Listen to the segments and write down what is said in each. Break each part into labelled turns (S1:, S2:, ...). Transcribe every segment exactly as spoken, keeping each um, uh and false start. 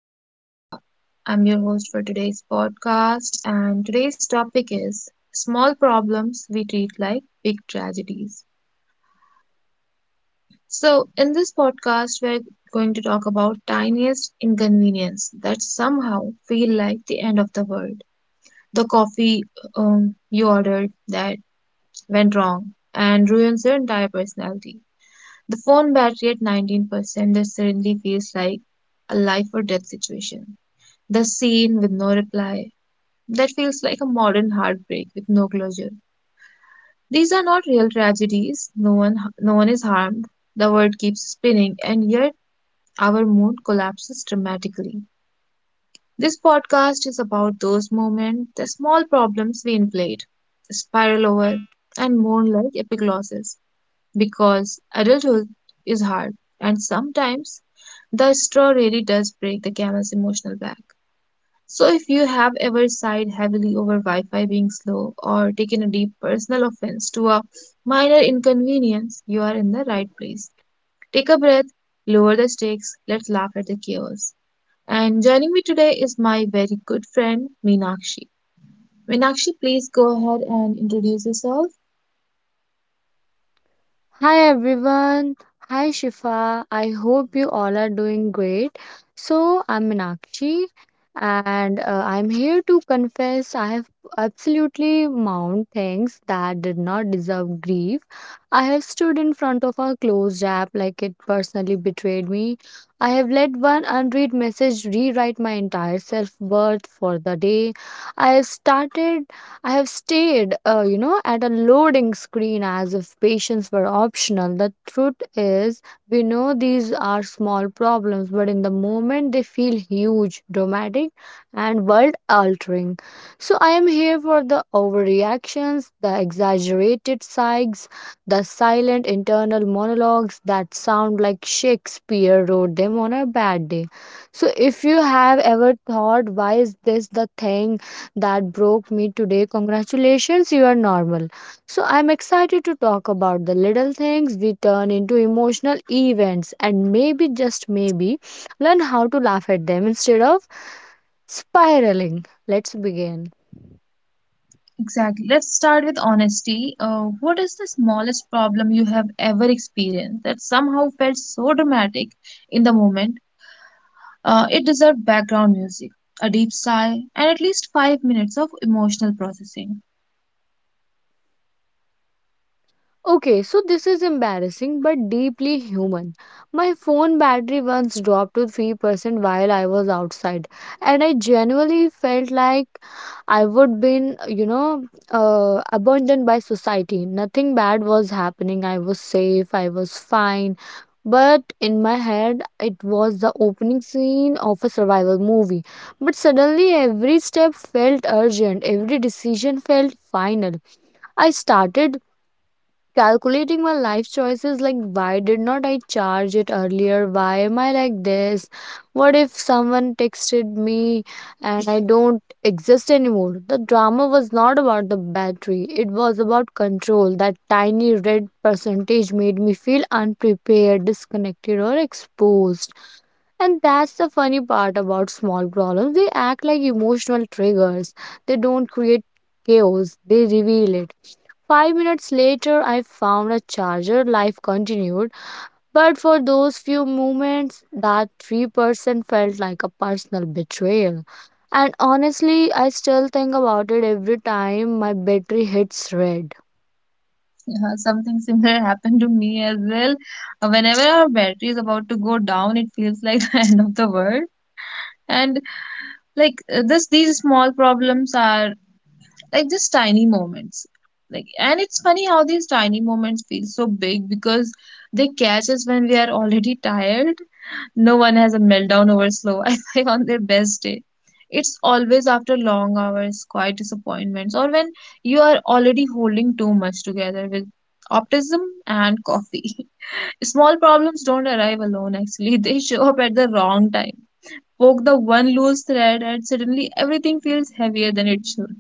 S1: is Shifa. I'm your host for today's podcast, and today's topic is small problems we treat like big tragedies. So, in this podcast, we're going to talk about tiniest inconvenience that somehow feel like the end of the world. The coffee um, you ordered that went wrong and ruins your entire personality. The phone battery at nineteen percent that suddenly feels like a life or death situation. The scene with no reply. That feels like a modern heartbreak with no closure. These are not real tragedies. No one no one is harmed. The world keeps spinning, and yet our mood collapses dramatically. This podcast is about those moments, the small problems we inflate, spiral over, and mourn like epic losses. Because adulthood is hard, and sometimes the straw really does break the camel's emotional back. So, if you have ever sighed heavily over Wi Fi being slow or taken a deep personal offense to a minor inconvenience, you are in the right place. Take a breath, lower the stakes, let's laugh at the chaos. And joining me today is my very good friend, Meenakshi. Meenakshi, please go ahead and introduce yourself.
S2: Hi everyone. Hi Shifa. I hope you all are doing great. So I'm Minakshi and uh, I'm here to confess I have absolutely mounted things that did not deserve grief. I have stood in front of a closed app like it personally betrayed me. I have let one unread message rewrite my entire self worth for the day. I have started I have stared, uh, you know, at a loading screen as if patience were optional. The truth is, we know these are small problems, but in the moment they feel huge, dramatic, and world altering. So I am here for the overreactions, the exaggerated sighs, the silent internal monologues that sound like Shakespeare wrote them on a bad day. So if you have ever thought, why is this the thing that broke me today? Congratulations, you are normal. So, I'm excited to talk about the little things we turn into emotional events and maybe, just maybe, learn how to laugh at them instead of spiraling. Let's begin.
S1: Exactly. Let's start with honesty. Uh, what is the smallest problem you have ever experienced that somehow felt so dramatic in the moment? Uh, it deserved background music, a deep sigh, and at least five minutes of emotional processing.
S2: Okay, so this is embarrassing but deeply human. My phone battery once dropped to three percent while I was outside and I genuinely felt like I would been, you know, uh, abandoned by society. Nothing bad was happening. I was safe, I was fine. But in my head, it was the opening scene of a survival movie. But suddenly, every step felt urgent, every decision felt final. I started calculating my life choices, like, why did not I charge it earlier, why am I like this, what if someone texted me and I don't exist anymore. The drama was not about the battery, it was about control. That tiny red percentage made me feel unprepared, disconnected or exposed. And that's the funny part about small problems. They act like emotional triggers. They don't create chaos, they reveal it. Five minutes later, I found a charger. Life continued. But for those few moments, that three percent felt like a personal betrayal. And honestly, I still think about it every time my battery hits red.
S1: Yeah, something similar happened to me as well. Uh, whenever our battery is about to go down, it feels like the end of the world. And like uh, this, these small problems are like just tiny moments. Like, and it's funny how these tiny moments feel so big because they catch us when we are already tired. No one has a meltdown over slow Wi Fi on their best day. It's always after long hours, quiet disappointments, or when you are already holding too much together with optimism and coffee. Small problems don't arrive alone, actually, they show up at the wrong time. Poke the one loose thread, and suddenly everything feels heavier than it should.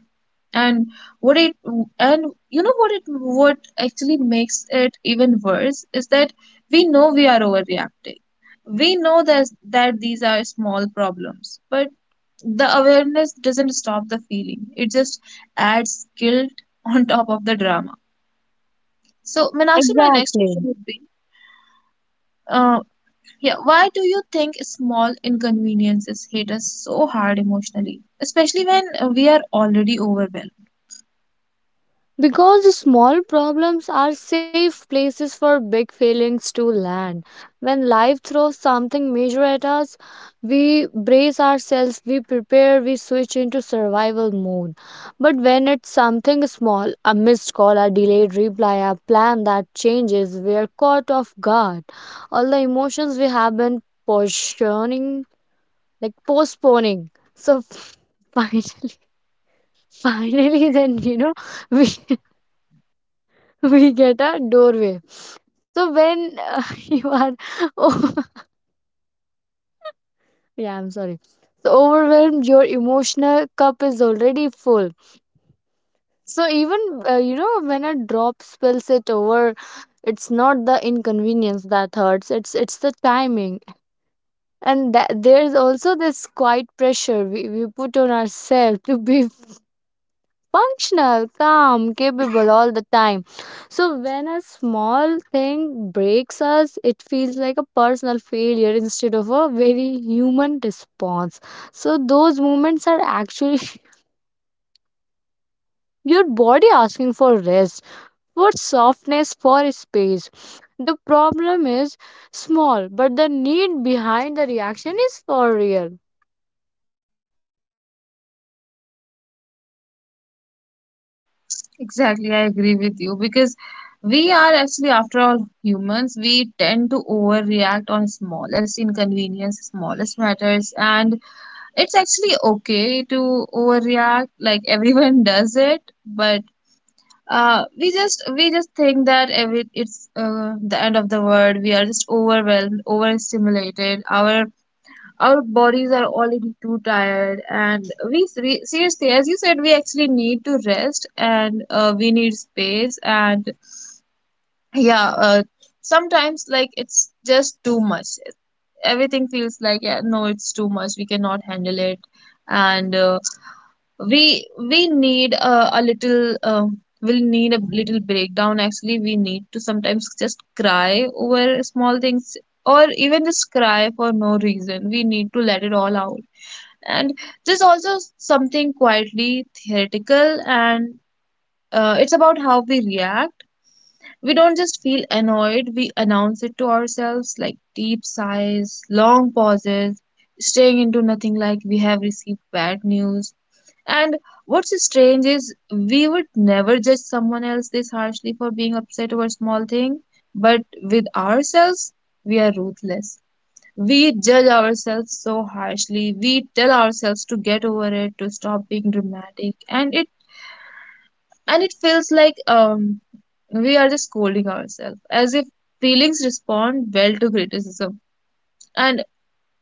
S1: And what it and you know what it what actually makes it even worse is that we know we are overreacting, we know that that these are small problems, but the awareness doesn't stop the feeling, it just adds guilt on top of the drama. So Meenakshi, my next
S2: Exactly.
S1: question would be, uh, yeah, why do you think small inconveniences hit us so hard emotionally, especially when uh, we are already overwhelmed?
S2: Because small problems are safe places for big feelings to land. When life throws something major at us, we brace ourselves, we prepare, we switch into survival mode. But when it's something small, a missed call, a delayed reply, a plan that changes, we're caught off guard. All the emotions we have been postponing, like postponing. So finally, finally, then, you know, we we get a doorway. So when uh, you are, oh, yeah, I'm sorry. So overwhelmed, your emotional cup is already full. So even uh, you know when a drop spills it over, it's not the inconvenience that hurts. It's it's the timing, and that, there's also this quiet pressure we, we put on ourselves to be functional, calm, capable all the time. So when a small thing breaks us, it feels like a personal failure instead of a very human response. So those moments are actually your body asking for rest, for softness, for space. The problem is small, but the need behind the reaction is for real.
S1: Exactly, I agree with you, because we are actually, after all, humans. We tend to overreact on smallest inconvenience, smallest matters, and it's actually okay to overreact. Like everyone does it, but uh, we just we just think that every it's uh, the end of the world. We are just overwhelmed, overstimulated. Our our bodies are already too tired, and we, we seriously, as you said, we actually need to rest, and uh, we need space, and yeah, uh, sometimes, like, it's just too much, everything feels like, yeah, no, it's too much, we cannot handle it. And uh, we we need uh, a little um, we'll need a little breakdown, actually. We need to sometimes just cry over small things, or even just cry for no reason. We need to let it all out. And there's also something quietly theoretical, and uh, it's about how we react. We don't just feel annoyed, we announce it to ourselves, like deep sighs, long pauses, staring into nothing, like we have received bad news. And what's strange is, we would never judge someone else this harshly for being upset over small thing, but with ourselves, we are ruthless. We judge ourselves so harshly. We tell ourselves to get over it, to stop being dramatic, and it and it feels like um we are just scolding ourselves, as if feelings respond well to criticism. And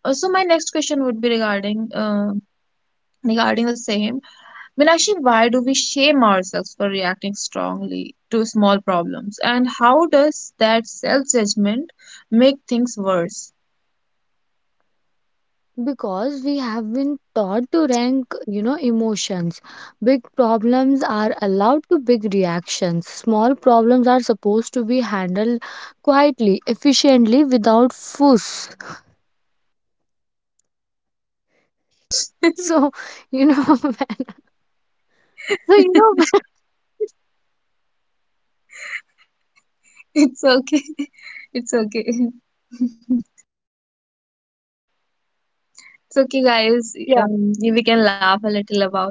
S1: also, my next question would be regarding uh, regarding the same. Meenakshi, why do we shame ourselves for reacting strongly to small problems, and how does that self judgment make things worse?
S2: Because we have been taught to rank, you know emotions. Big problems are allowed to big reactions, small problems are supposed to be handled quietly, efficiently, without fuss. So you know so you know
S1: It's okay. It's okay. It's okay, guys. Um, we can laugh a little about.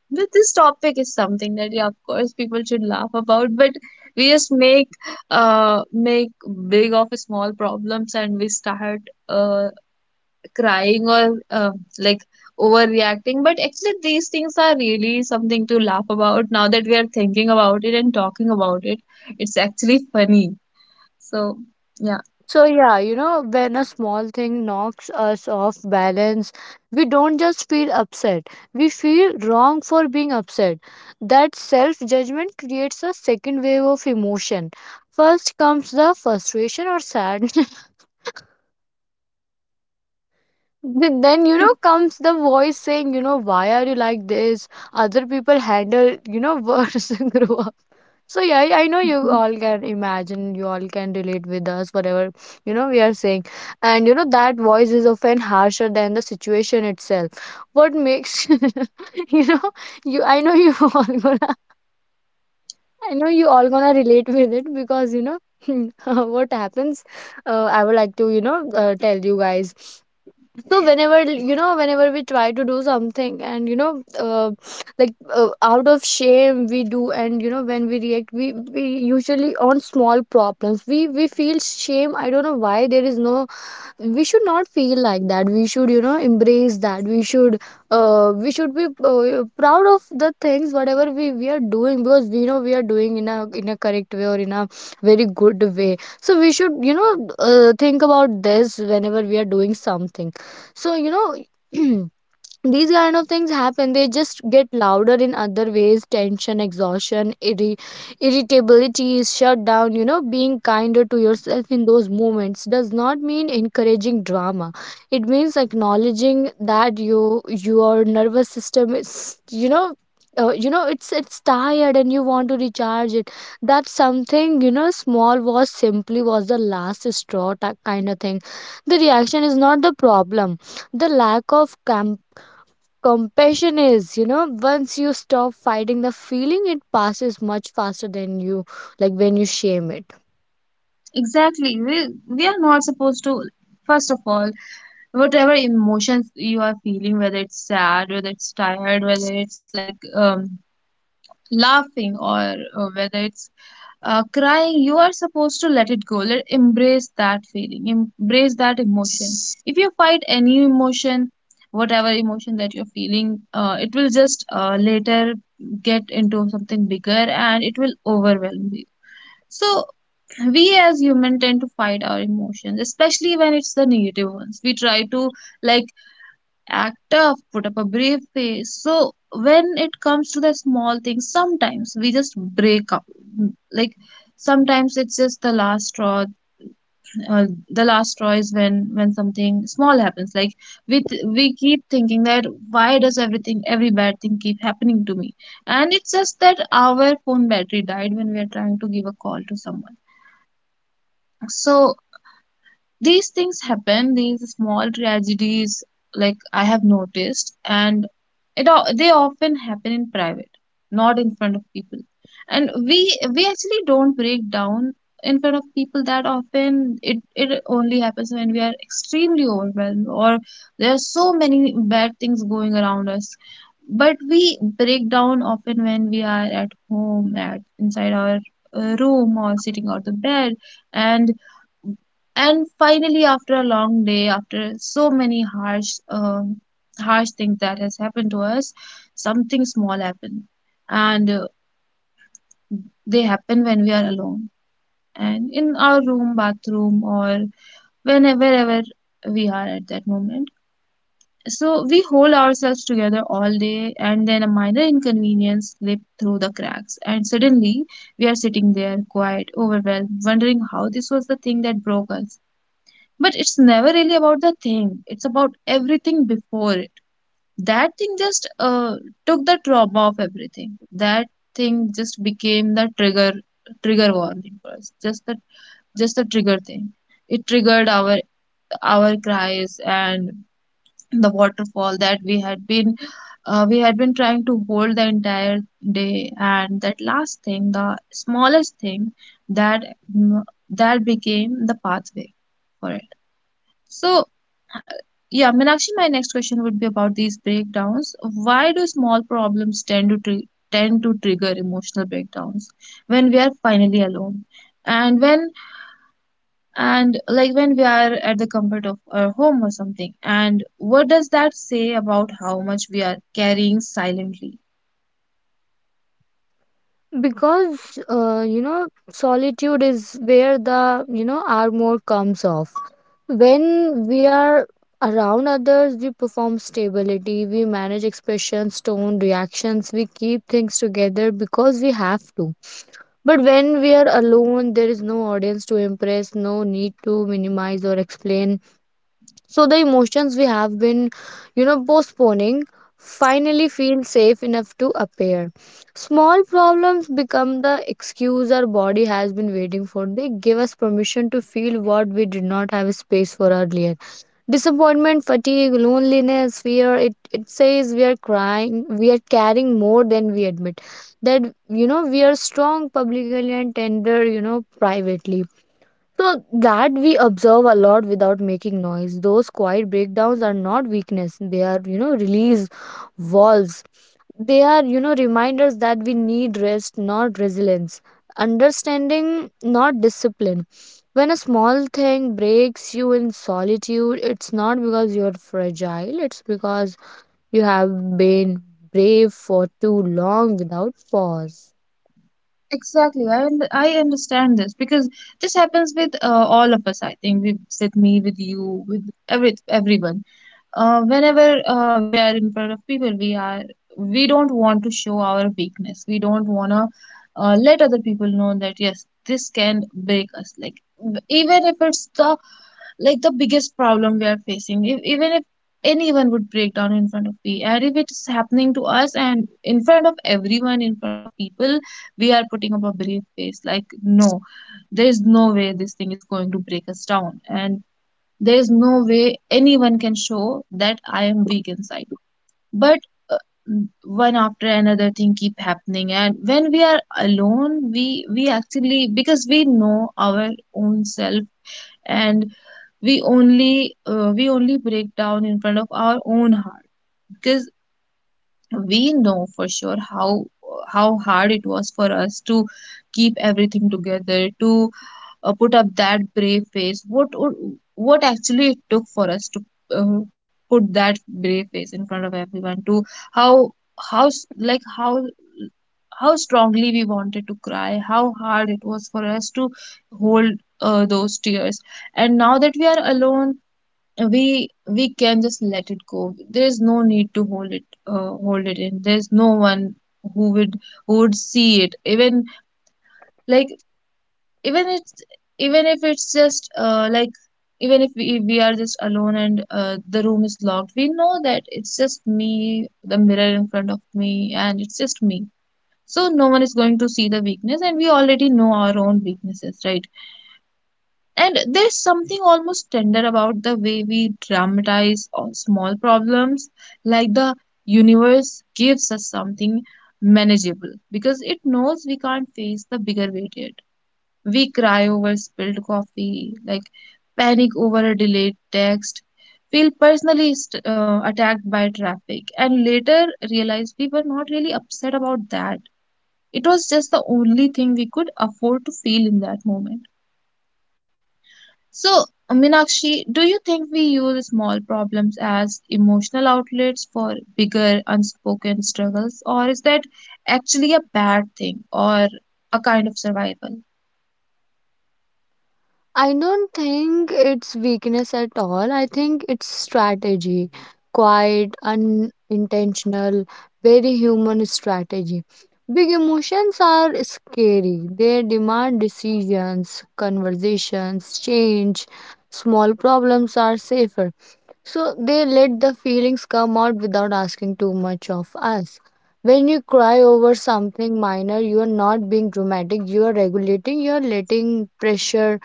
S1: But this topic is something that, yeah, of course, people should laugh about. But we just make, uh, make big of small problems, and we start, uh, crying, or, uh, like, overreacting. But actually, these things are really something to laugh about. Now that we are thinking about it and talking about it, it's actually funny. So, yeah.
S2: So, yeah, you know, when a small thing knocks us off balance, we don't just feel upset, we feel wrong for being upset. That self judgment creates a second wave of emotion. First comes the frustration or sadness, Th- then you know comes the voice saying, you know why are you like this, other people handle, you know worse and grow up. So yeah, i I know you all can imagine, you all can relate with us whatever you know we are saying. And you know that voice is often harsher than the situation itself. What makes you know you I know you all gonna I know you all gonna relate with it, because you know what happens. uh, I would like to, you know uh, tell you guys. So whenever, you know whenever we try to do something, and you know uh, like uh, out of shame we do. And you know when we react, we we usually, on small problems, we we feel shame. I don't know why there is no, we should not feel like that. We should, you know embrace that. We should uh, we should be uh, proud of the things whatever we, we are doing, because we know we are doing in a in a correct way, or in a very good way. So we should, you know uh, think about this whenever we are doing something. So you know these kind of things happen, they just get louder in other ways, tension, exhaustion, irri- irritability, shutdown. You know being kinder to yourself in those moments does not mean encouraging drama. It means acknowledging that you, your nervous system is, you know uh, you know it's it's tired and you want to recharge it. That's something, you know small was simply was the last straw, ta- kind of thing. The reaction is not the problem, the lack of camp compassion is, you know once you stop fighting the feeling, it passes much faster than you like when you shame it.
S1: Exactly. We, we are not supposed to, first of all, whatever emotions you are feeling, whether it's sad, whether it's tired, whether it's like um, laughing, or uh, whether it's uh, crying, you are supposed to let it go. Let, embrace that feeling, embrace that emotion. If you fight any emotion, whatever emotion that you're feeling, uh, it will just uh, later get into something bigger, and it will overwhelm you. So we as human tend to fight our emotions, especially when it's the negative ones. We try to, like, act tough, put up a brave face. So when it comes to the small things, sometimes we just break up. Like, sometimes it's just the last straw. Uh, the last straw is when when something small happens. Like, we th- we keep thinking that, why does everything, every bad thing keep happening to me? And it's just that our phone battery died when we are trying to give a call to someone. So these things happen, these small tragedies, like I have noticed, and it o- they often happen in private, not in front of people. And we we actually don't break down in front of people that often. It it only happens when we are extremely overwhelmed, or there are so many bad things going around us. But we break down often when we are at home, at inside our uh, room or sitting on the bed, and and finally, after a long day, after so many harsh uh, harsh things that has happened to us, something small happened, and uh, they happen when we are alone and in our room, bathroom, or whenever, wherever we are at that moment. So we hold ourselves together all day, and then a minor inconvenience slipped through the cracks, and suddenly we are sitting there, quiet, overwhelmed, wondering how this was the thing that broke us. But it's never really about the thing, it's about everything before it. That thing just uh, took the trauma of everything, that thing just became the trigger, trigger warning for us, just the just the trigger thing. It triggered our our cries, and the waterfall that we had been uh, we had been trying to hold the entire day, and that last thing, the smallest thing, that that became the pathway for it. So yeah, Meenakshi, my next question would be about these breakdowns. Why do small problems tend to tri tend to trigger emotional breakdowns when we are finally alone? And when and like when we are at the comfort of our home or something. And what does that say about how much we are carrying silently?
S2: Because uh, you know solitude is where the, you know armor comes off. When we are around others, we perform stability, we manage expressions, tone, reactions. We keep things together because we have to. But when we are alone, there is no audience to impress, no need to minimize or explain. So the emotions we have been, you know, postponing finally feel safe enough to appear. Small problems become the excuse our body has been waiting for. They give us permission to feel what we did not have space for earlier. Disappointment, fatigue, loneliness, fear, it, it says we are crying, we are carrying more than we admit. That, you know, we are strong publicly and tender, you know, privately, so that we observe a lot without making noise. Those quiet breakdowns are not weakness. They are, you know, release walls. They are, you know, reminders that we need rest, not resilience. Understanding, not discipline. When a small thing breaks you in solitude, it's not because you're fragile, it's because you have been brave for too long without pause.
S1: Exactly, I und- I understand this because this happens with uh, all of us. I think with with me, with you, with every everyone, uh, whenever uh, we are in front of people, we are, we don't want to show our weakness, we don't want to uh, let other people know that yes, this can break us, like w- even if it's the like the biggest problem we are facing, if, even if anyone would break down in front of me, and if it's happening to us and in front of everyone, in front of people, we are putting up a brave face, like no, there is no way this thing is going to break us down, and there is no way anyone can show that I am weak inside. But uh, one after another thing keep happening. And when we are alone, we we actually, because we know our own self, and we only uh, we only break down in front of our own heart. Because we know for sure how how hard it was for us to keep everything together, to uh, put up that brave face, what what actually it took for us to uh, put that brave face in front of everyone, to how how s- like how how strongly we wanted to cry, how hard it was for us to hold uh, those tears. And now that we are alone, we we can just let it go. There is no need to hold it, uh, hold it in. There's no one who would who would see it, even, like even it's even if it's just, uh, like even if we, we are just alone, and uh, the room is locked. We know that it's just me, the mirror in front of me, and it's just me. So no one is going to see the weakness, and we already know our own weaknesses, right? And there's something almost tender about the way we dramatize all small problems, like the universe gives us something manageable because it knows we can't face the bigger weight yet. We cry over spilled coffee, like panic over a delayed text, feel personally st- uh, attacked by traffic, and later realize we were not really upset about that. It was just the only thing we could afford to feel in that moment. So, Meenakshi, do you think we use small problems as emotional outlets for bigger unspoken struggles, or is that actually a bad thing, or a kind of survival?
S2: I don't think it's weakness at all. I think it's strategy. Quiet, unintentional, very human strategy. Big emotions are scary. They demand decisions, conversations, change. Small problems are safer. So they let the feelings come out without asking too much of us. When you cry over something minor, you are not being dramatic. You are regulating, you are letting pressure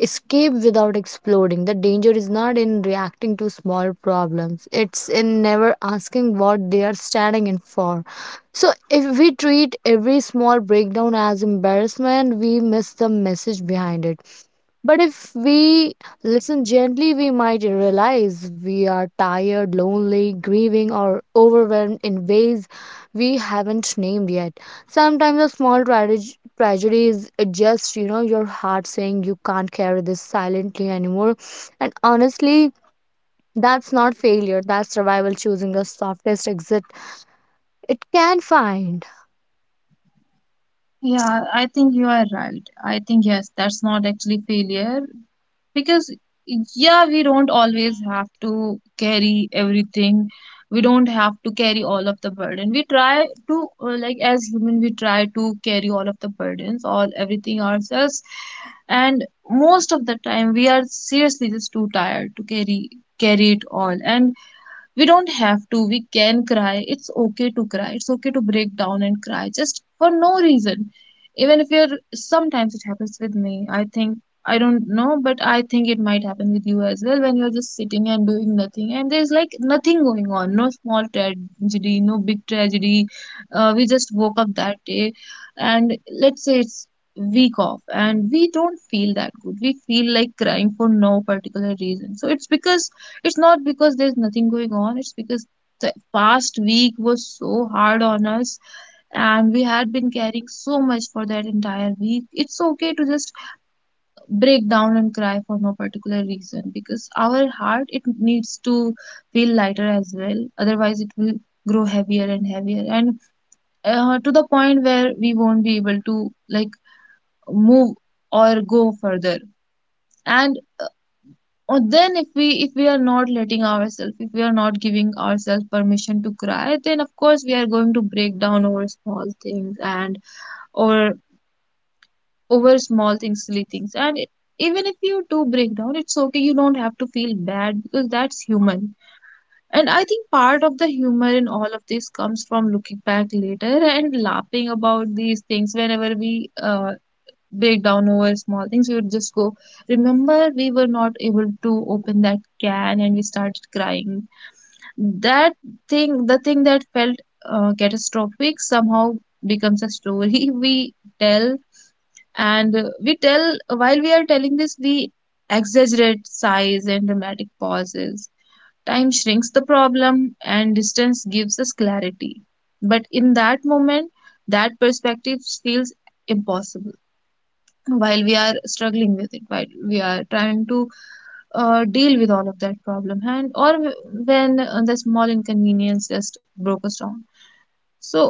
S2: escape without exploding. The danger is not in reacting to small problems, it's in never asking what they are standing in for. So, if we treat every small breakdown as embarrassment, we miss the message behind it. But if we listen gently, we might realize we are tired, lonely, grieving, or overwhelmed in ways we haven't named yet. Sometimes a small trage- tragedy is just, you know, your heart saying you can't carry this silently anymore. And honestly, that's not failure, that's survival choosing the softest exit it can find.
S1: Yeah, I think you are right. I think, yes, that's not actually failure because, yeah, we don't always have to carry everything. We don't have to carry all of the burden. We try to, uh, like, as human, we try to carry all of the burdens, all everything ourselves. And most of the time, we are seriously just too tired to carry carry it all. And we don't have to. We can cry. It's okay to cry, it's okay to break down and cry just for no reason, even if you're — sometimes it happens with me, I think. I don't know, but I think it might happen with you as well, when you're just sitting and doing nothing and there's like nothing going on, no small tragedy, no big tragedy. Uh, we just woke up that day, and let's say it's week off and we don't feel that good, we feel like crying for no particular reason. So it's because — it's not because there's nothing going on, it's because the past week was so hard on us and we had been carrying so much for that entire week. It's okay to just break down and cry for no particular reason, because our heart, it needs to feel lighter as well. Otherwise, it will grow heavier and heavier, and uh, to the point where we won't be able to, like, move or go further. And or then, if we if we are not letting ourselves, if we are not giving ourselves permission to cry, then of course we are going to break down over small things, and or over small things, silly things. And it, even if you do break down, it's okay. You don't have to feel bad because that's human. And I think part of the humor in all of this comes from looking back later and laughing about these things whenever we uh, break down over small things. We would just go, remember, we were not able to open that can and we started crying. That thing, the thing that felt uh, catastrophic, somehow becomes a story we tell. And uh, we tell — while we are telling this, we exaggerate size and dramatic pauses. Time shrinks the problem and distance gives us clarity. But in that moment, that perspective feels impossible, while we are struggling with it, while we are trying to uh, deal with all of that problem. And or when uh, the small inconvenience just broke us down. So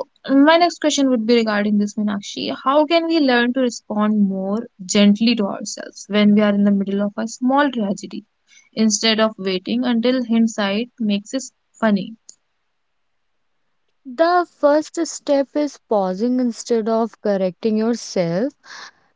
S1: my next question would be regarding this, Meenakshi. How can we learn to respond more gently to ourselves when we are in the middle of a small tragedy, instead of waiting until hindsight makes us funny?
S2: The first step is pausing instead of correcting yourself.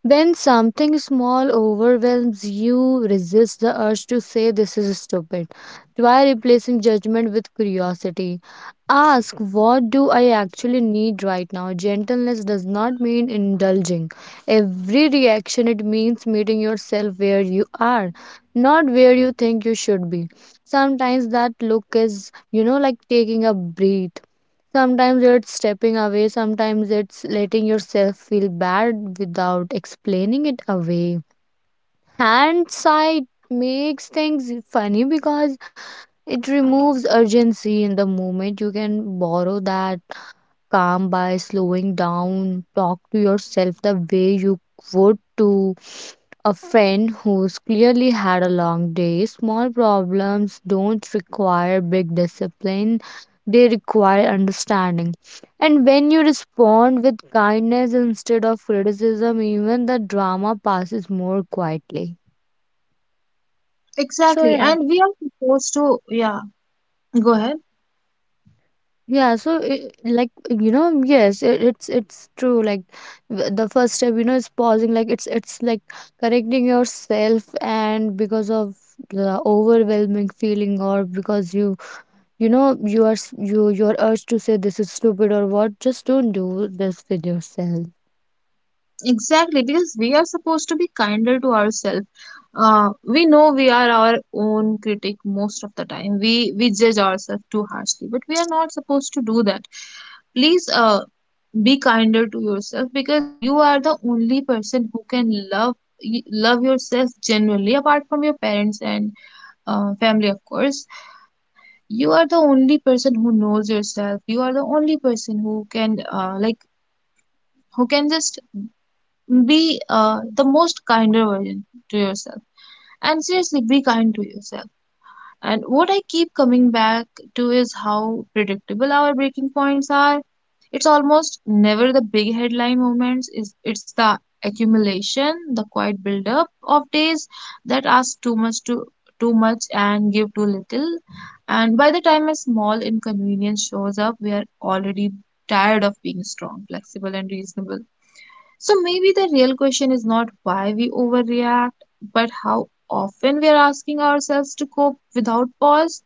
S2: When something small overwhelms you, resist the urge to say this is stupid. Try replacing judgment with curiosity. Ask, what do I actually need right now? Gentleness does not mean indulging. Every reaction, it means meeting yourself where you are, not where you think you should be. Sometimes that look is, you know, like taking a breath. Sometimes it's stepping away, sometimes it's letting yourself feel bad without explaining it away. And sight makes things funny because it removes urgency in the moment. You can borrow that calm by slowing down. Talk to yourself the way you would to a friend who's clearly had a long day. Small problems don't require big discipline, they require understanding. And when you respond with kindness instead of criticism, even the drama passes more quietly. So,
S1: Exactly.
S2: yeah.
S1: And we are supposed to — yeah, go ahead.
S2: Yeah, so I like, you know, yes, it, it's it's true. Like, w- the first step, you know, is pausing. Like it's it's like correcting yourself, and because of the overwhelming feeling, or because you you know you are, s- you, your urge to say this is stupid or what, just don't do this with yourself.
S1: Exactly, because we are supposed to be kinder to ourselves. Uh, we know we are our own critic most of the time. We we judge ourselves too harshly, but we are not supposed to do that. Please, uh, be kinder to yourself because you are the only person who can love y- love yourself genuinely, apart from your parents and uh, family, of course. You are the only person who knows yourself. You are the only person who can uh, like who can just be uh, the most kinder version to yourself. And seriously, be kind to yourself. And what I keep coming back to is how predictable our breaking points are. It's almost never the big headline moments, is it's the accumulation, the quiet buildup of days that ask too much to too much and give too little. And by the time a small inconvenience shows up, we are already tired of being strong, flexible, and reasonable. So maybe the real question is not why we overreact, but how often we are asking ourselves to cope without pause.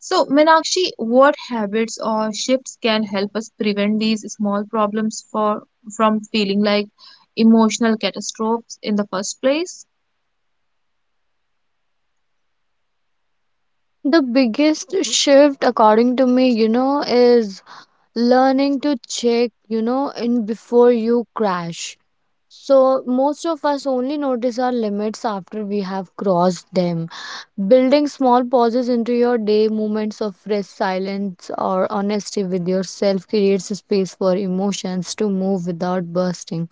S1: So, Minakshi, what habits or shifts can help us prevent these small problems for from feeling like emotional catastrophes in the first place?
S2: The biggest shift, according to me, you know, is learning to check, you know, in before you crash. So, most of us only notice our limits after we have crossed them. Building small pauses into your day, moments of rest, silence, or honesty with yourself creates a space for emotions to move without bursting.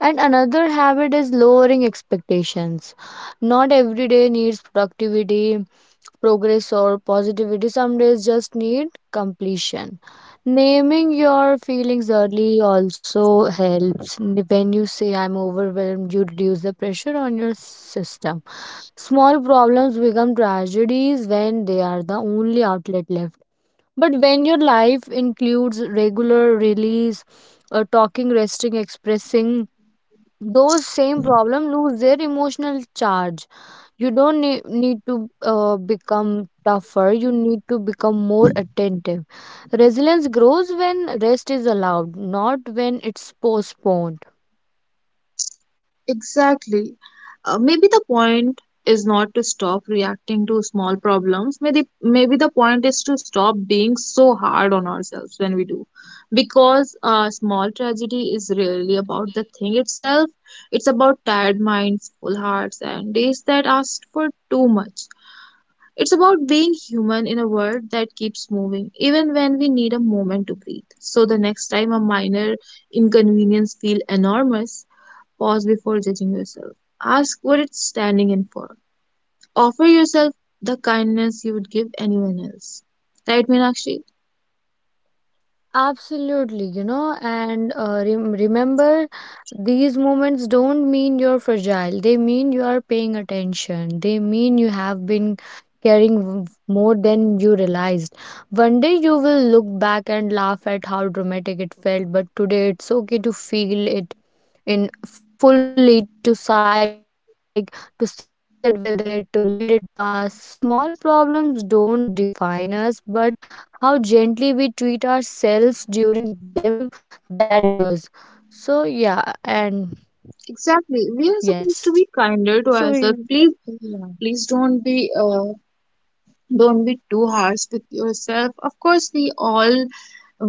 S2: And another habit is lowering expectations. Not every day needs productivity, progress or positivity. Some days just need completion. Naming your feelings early also helps. N- When you say I'm overwhelmed, you reduce the pressure on your system. Small problems become tragedies when they are the only outlet left. But when your life includes regular release, uh, talking, resting, expressing, those same problems lose their emotional charge. You don't nee- need to uh, become tougher, you need to become more attentive. Resilience grows when rest is allowed, not when it's postponed.
S1: Exactly. Uh, maybe the point is not to stop reacting to small problems. Maybe maybe the point is to stop being so hard on ourselves when we do, because a small tragedy is really about the thing itself. It's about tired minds, full hearts, and days that ask for too much. It's about being human in a world that keeps moving, even when we need a moment to breathe. So the next time a minor inconvenience feel enormous, pause before judging yourself. Ask what it's standing in for. Offer yourself the kindness you would give anyone else. Right, Meenakshi?
S2: Absolutely, you know, and uh, rem- remember, these moments don't mean you're fragile, they mean you are paying attention, they mean you have been caring w- more than you realized. One day you will look back and laugh at how dramatic it felt, but today it's okay to feel it in fully, to psych to sit with it, to let it pass. Small problems don't define us, but how gently we treat ourselves during them, that does. So yeah. And
S1: Exactly. We are supposed to
S2: yes.
S1: be kinder to
S2: So we,
S1: ourselves. Please,
S2: yeah.
S1: please don't be uh, don't be too harsh with yourself. Of course, we all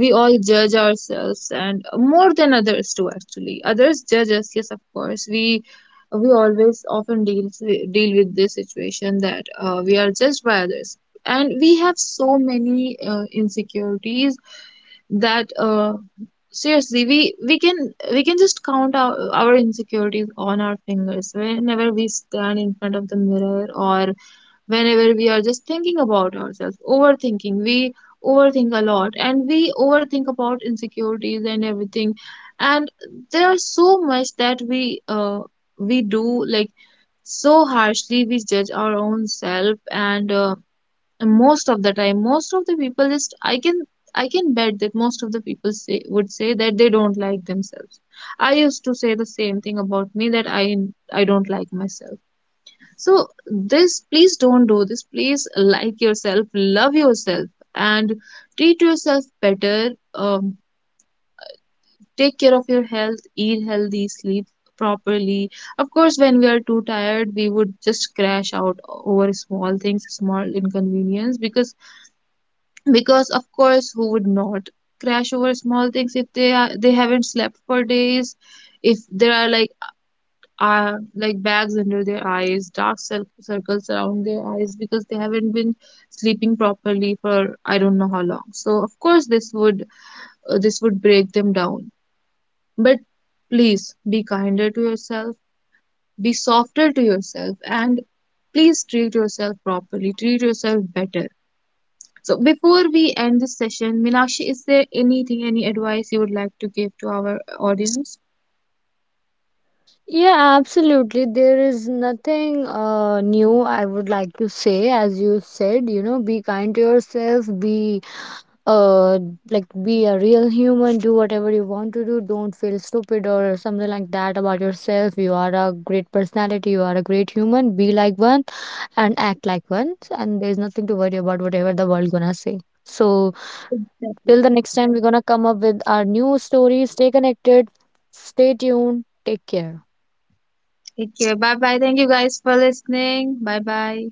S1: we all judge ourselves, and more than others too, actually others judge us, yes of course. We we always often deals with, deal with this situation that uh, we are judged by others. And we have so many uh, insecurities that, uh, seriously, we we can we can just count our, our insecurities on our fingers whenever we stand in front of the mirror. Or whenever we are just thinking about ourselves, overthinking, we overthink a lot and we overthink about insecurities and everything. And there are so much that we uh, we do, like, so harshly we judge our own self. And uh, most of the time, most of the people just — i can I can bet that most of the people say would say that they don't like themselves. I used to say the same thing about me, that i i don't like myself. So this, please don't do this. Please like yourself, love yourself, and treat yourself better. Um, take care of your health, eat healthy, sleep properly. Of course, when we are too tired, we would just crash out over small things, small inconvenience, because because of course, who would not crash over small things if they are, they haven't slept for days, if there are, like, uh, like bags under their eyes, dark cir- circles around their eyes, because they haven't been sleeping properly for I don't know how long. So of course this would, uh, this would break them down. But please be kinder to yourself, be softer to yourself, and please treat yourself properly. Treat yourself better. So before we end this session, Minakshi, is there anything, any advice you would like to give to our audience?
S2: Yeah, absolutely. There is nothing uh, new I would like to say. As you said, you know, be kind to yourself, be uh like, be a real human, do whatever you want to do. Don't feel stupid or something like that about yourself. You are a great personality, you are a great human. Be like one and act like one. And there's nothing to worry about whatever the world gonna say. So,
S1: Exactly.
S2: till the next time, we're gonna come up with our new stories. Stay connected, stay tuned, take care.
S1: Take care. Bye bye. Thank you guys for listening. Bye bye.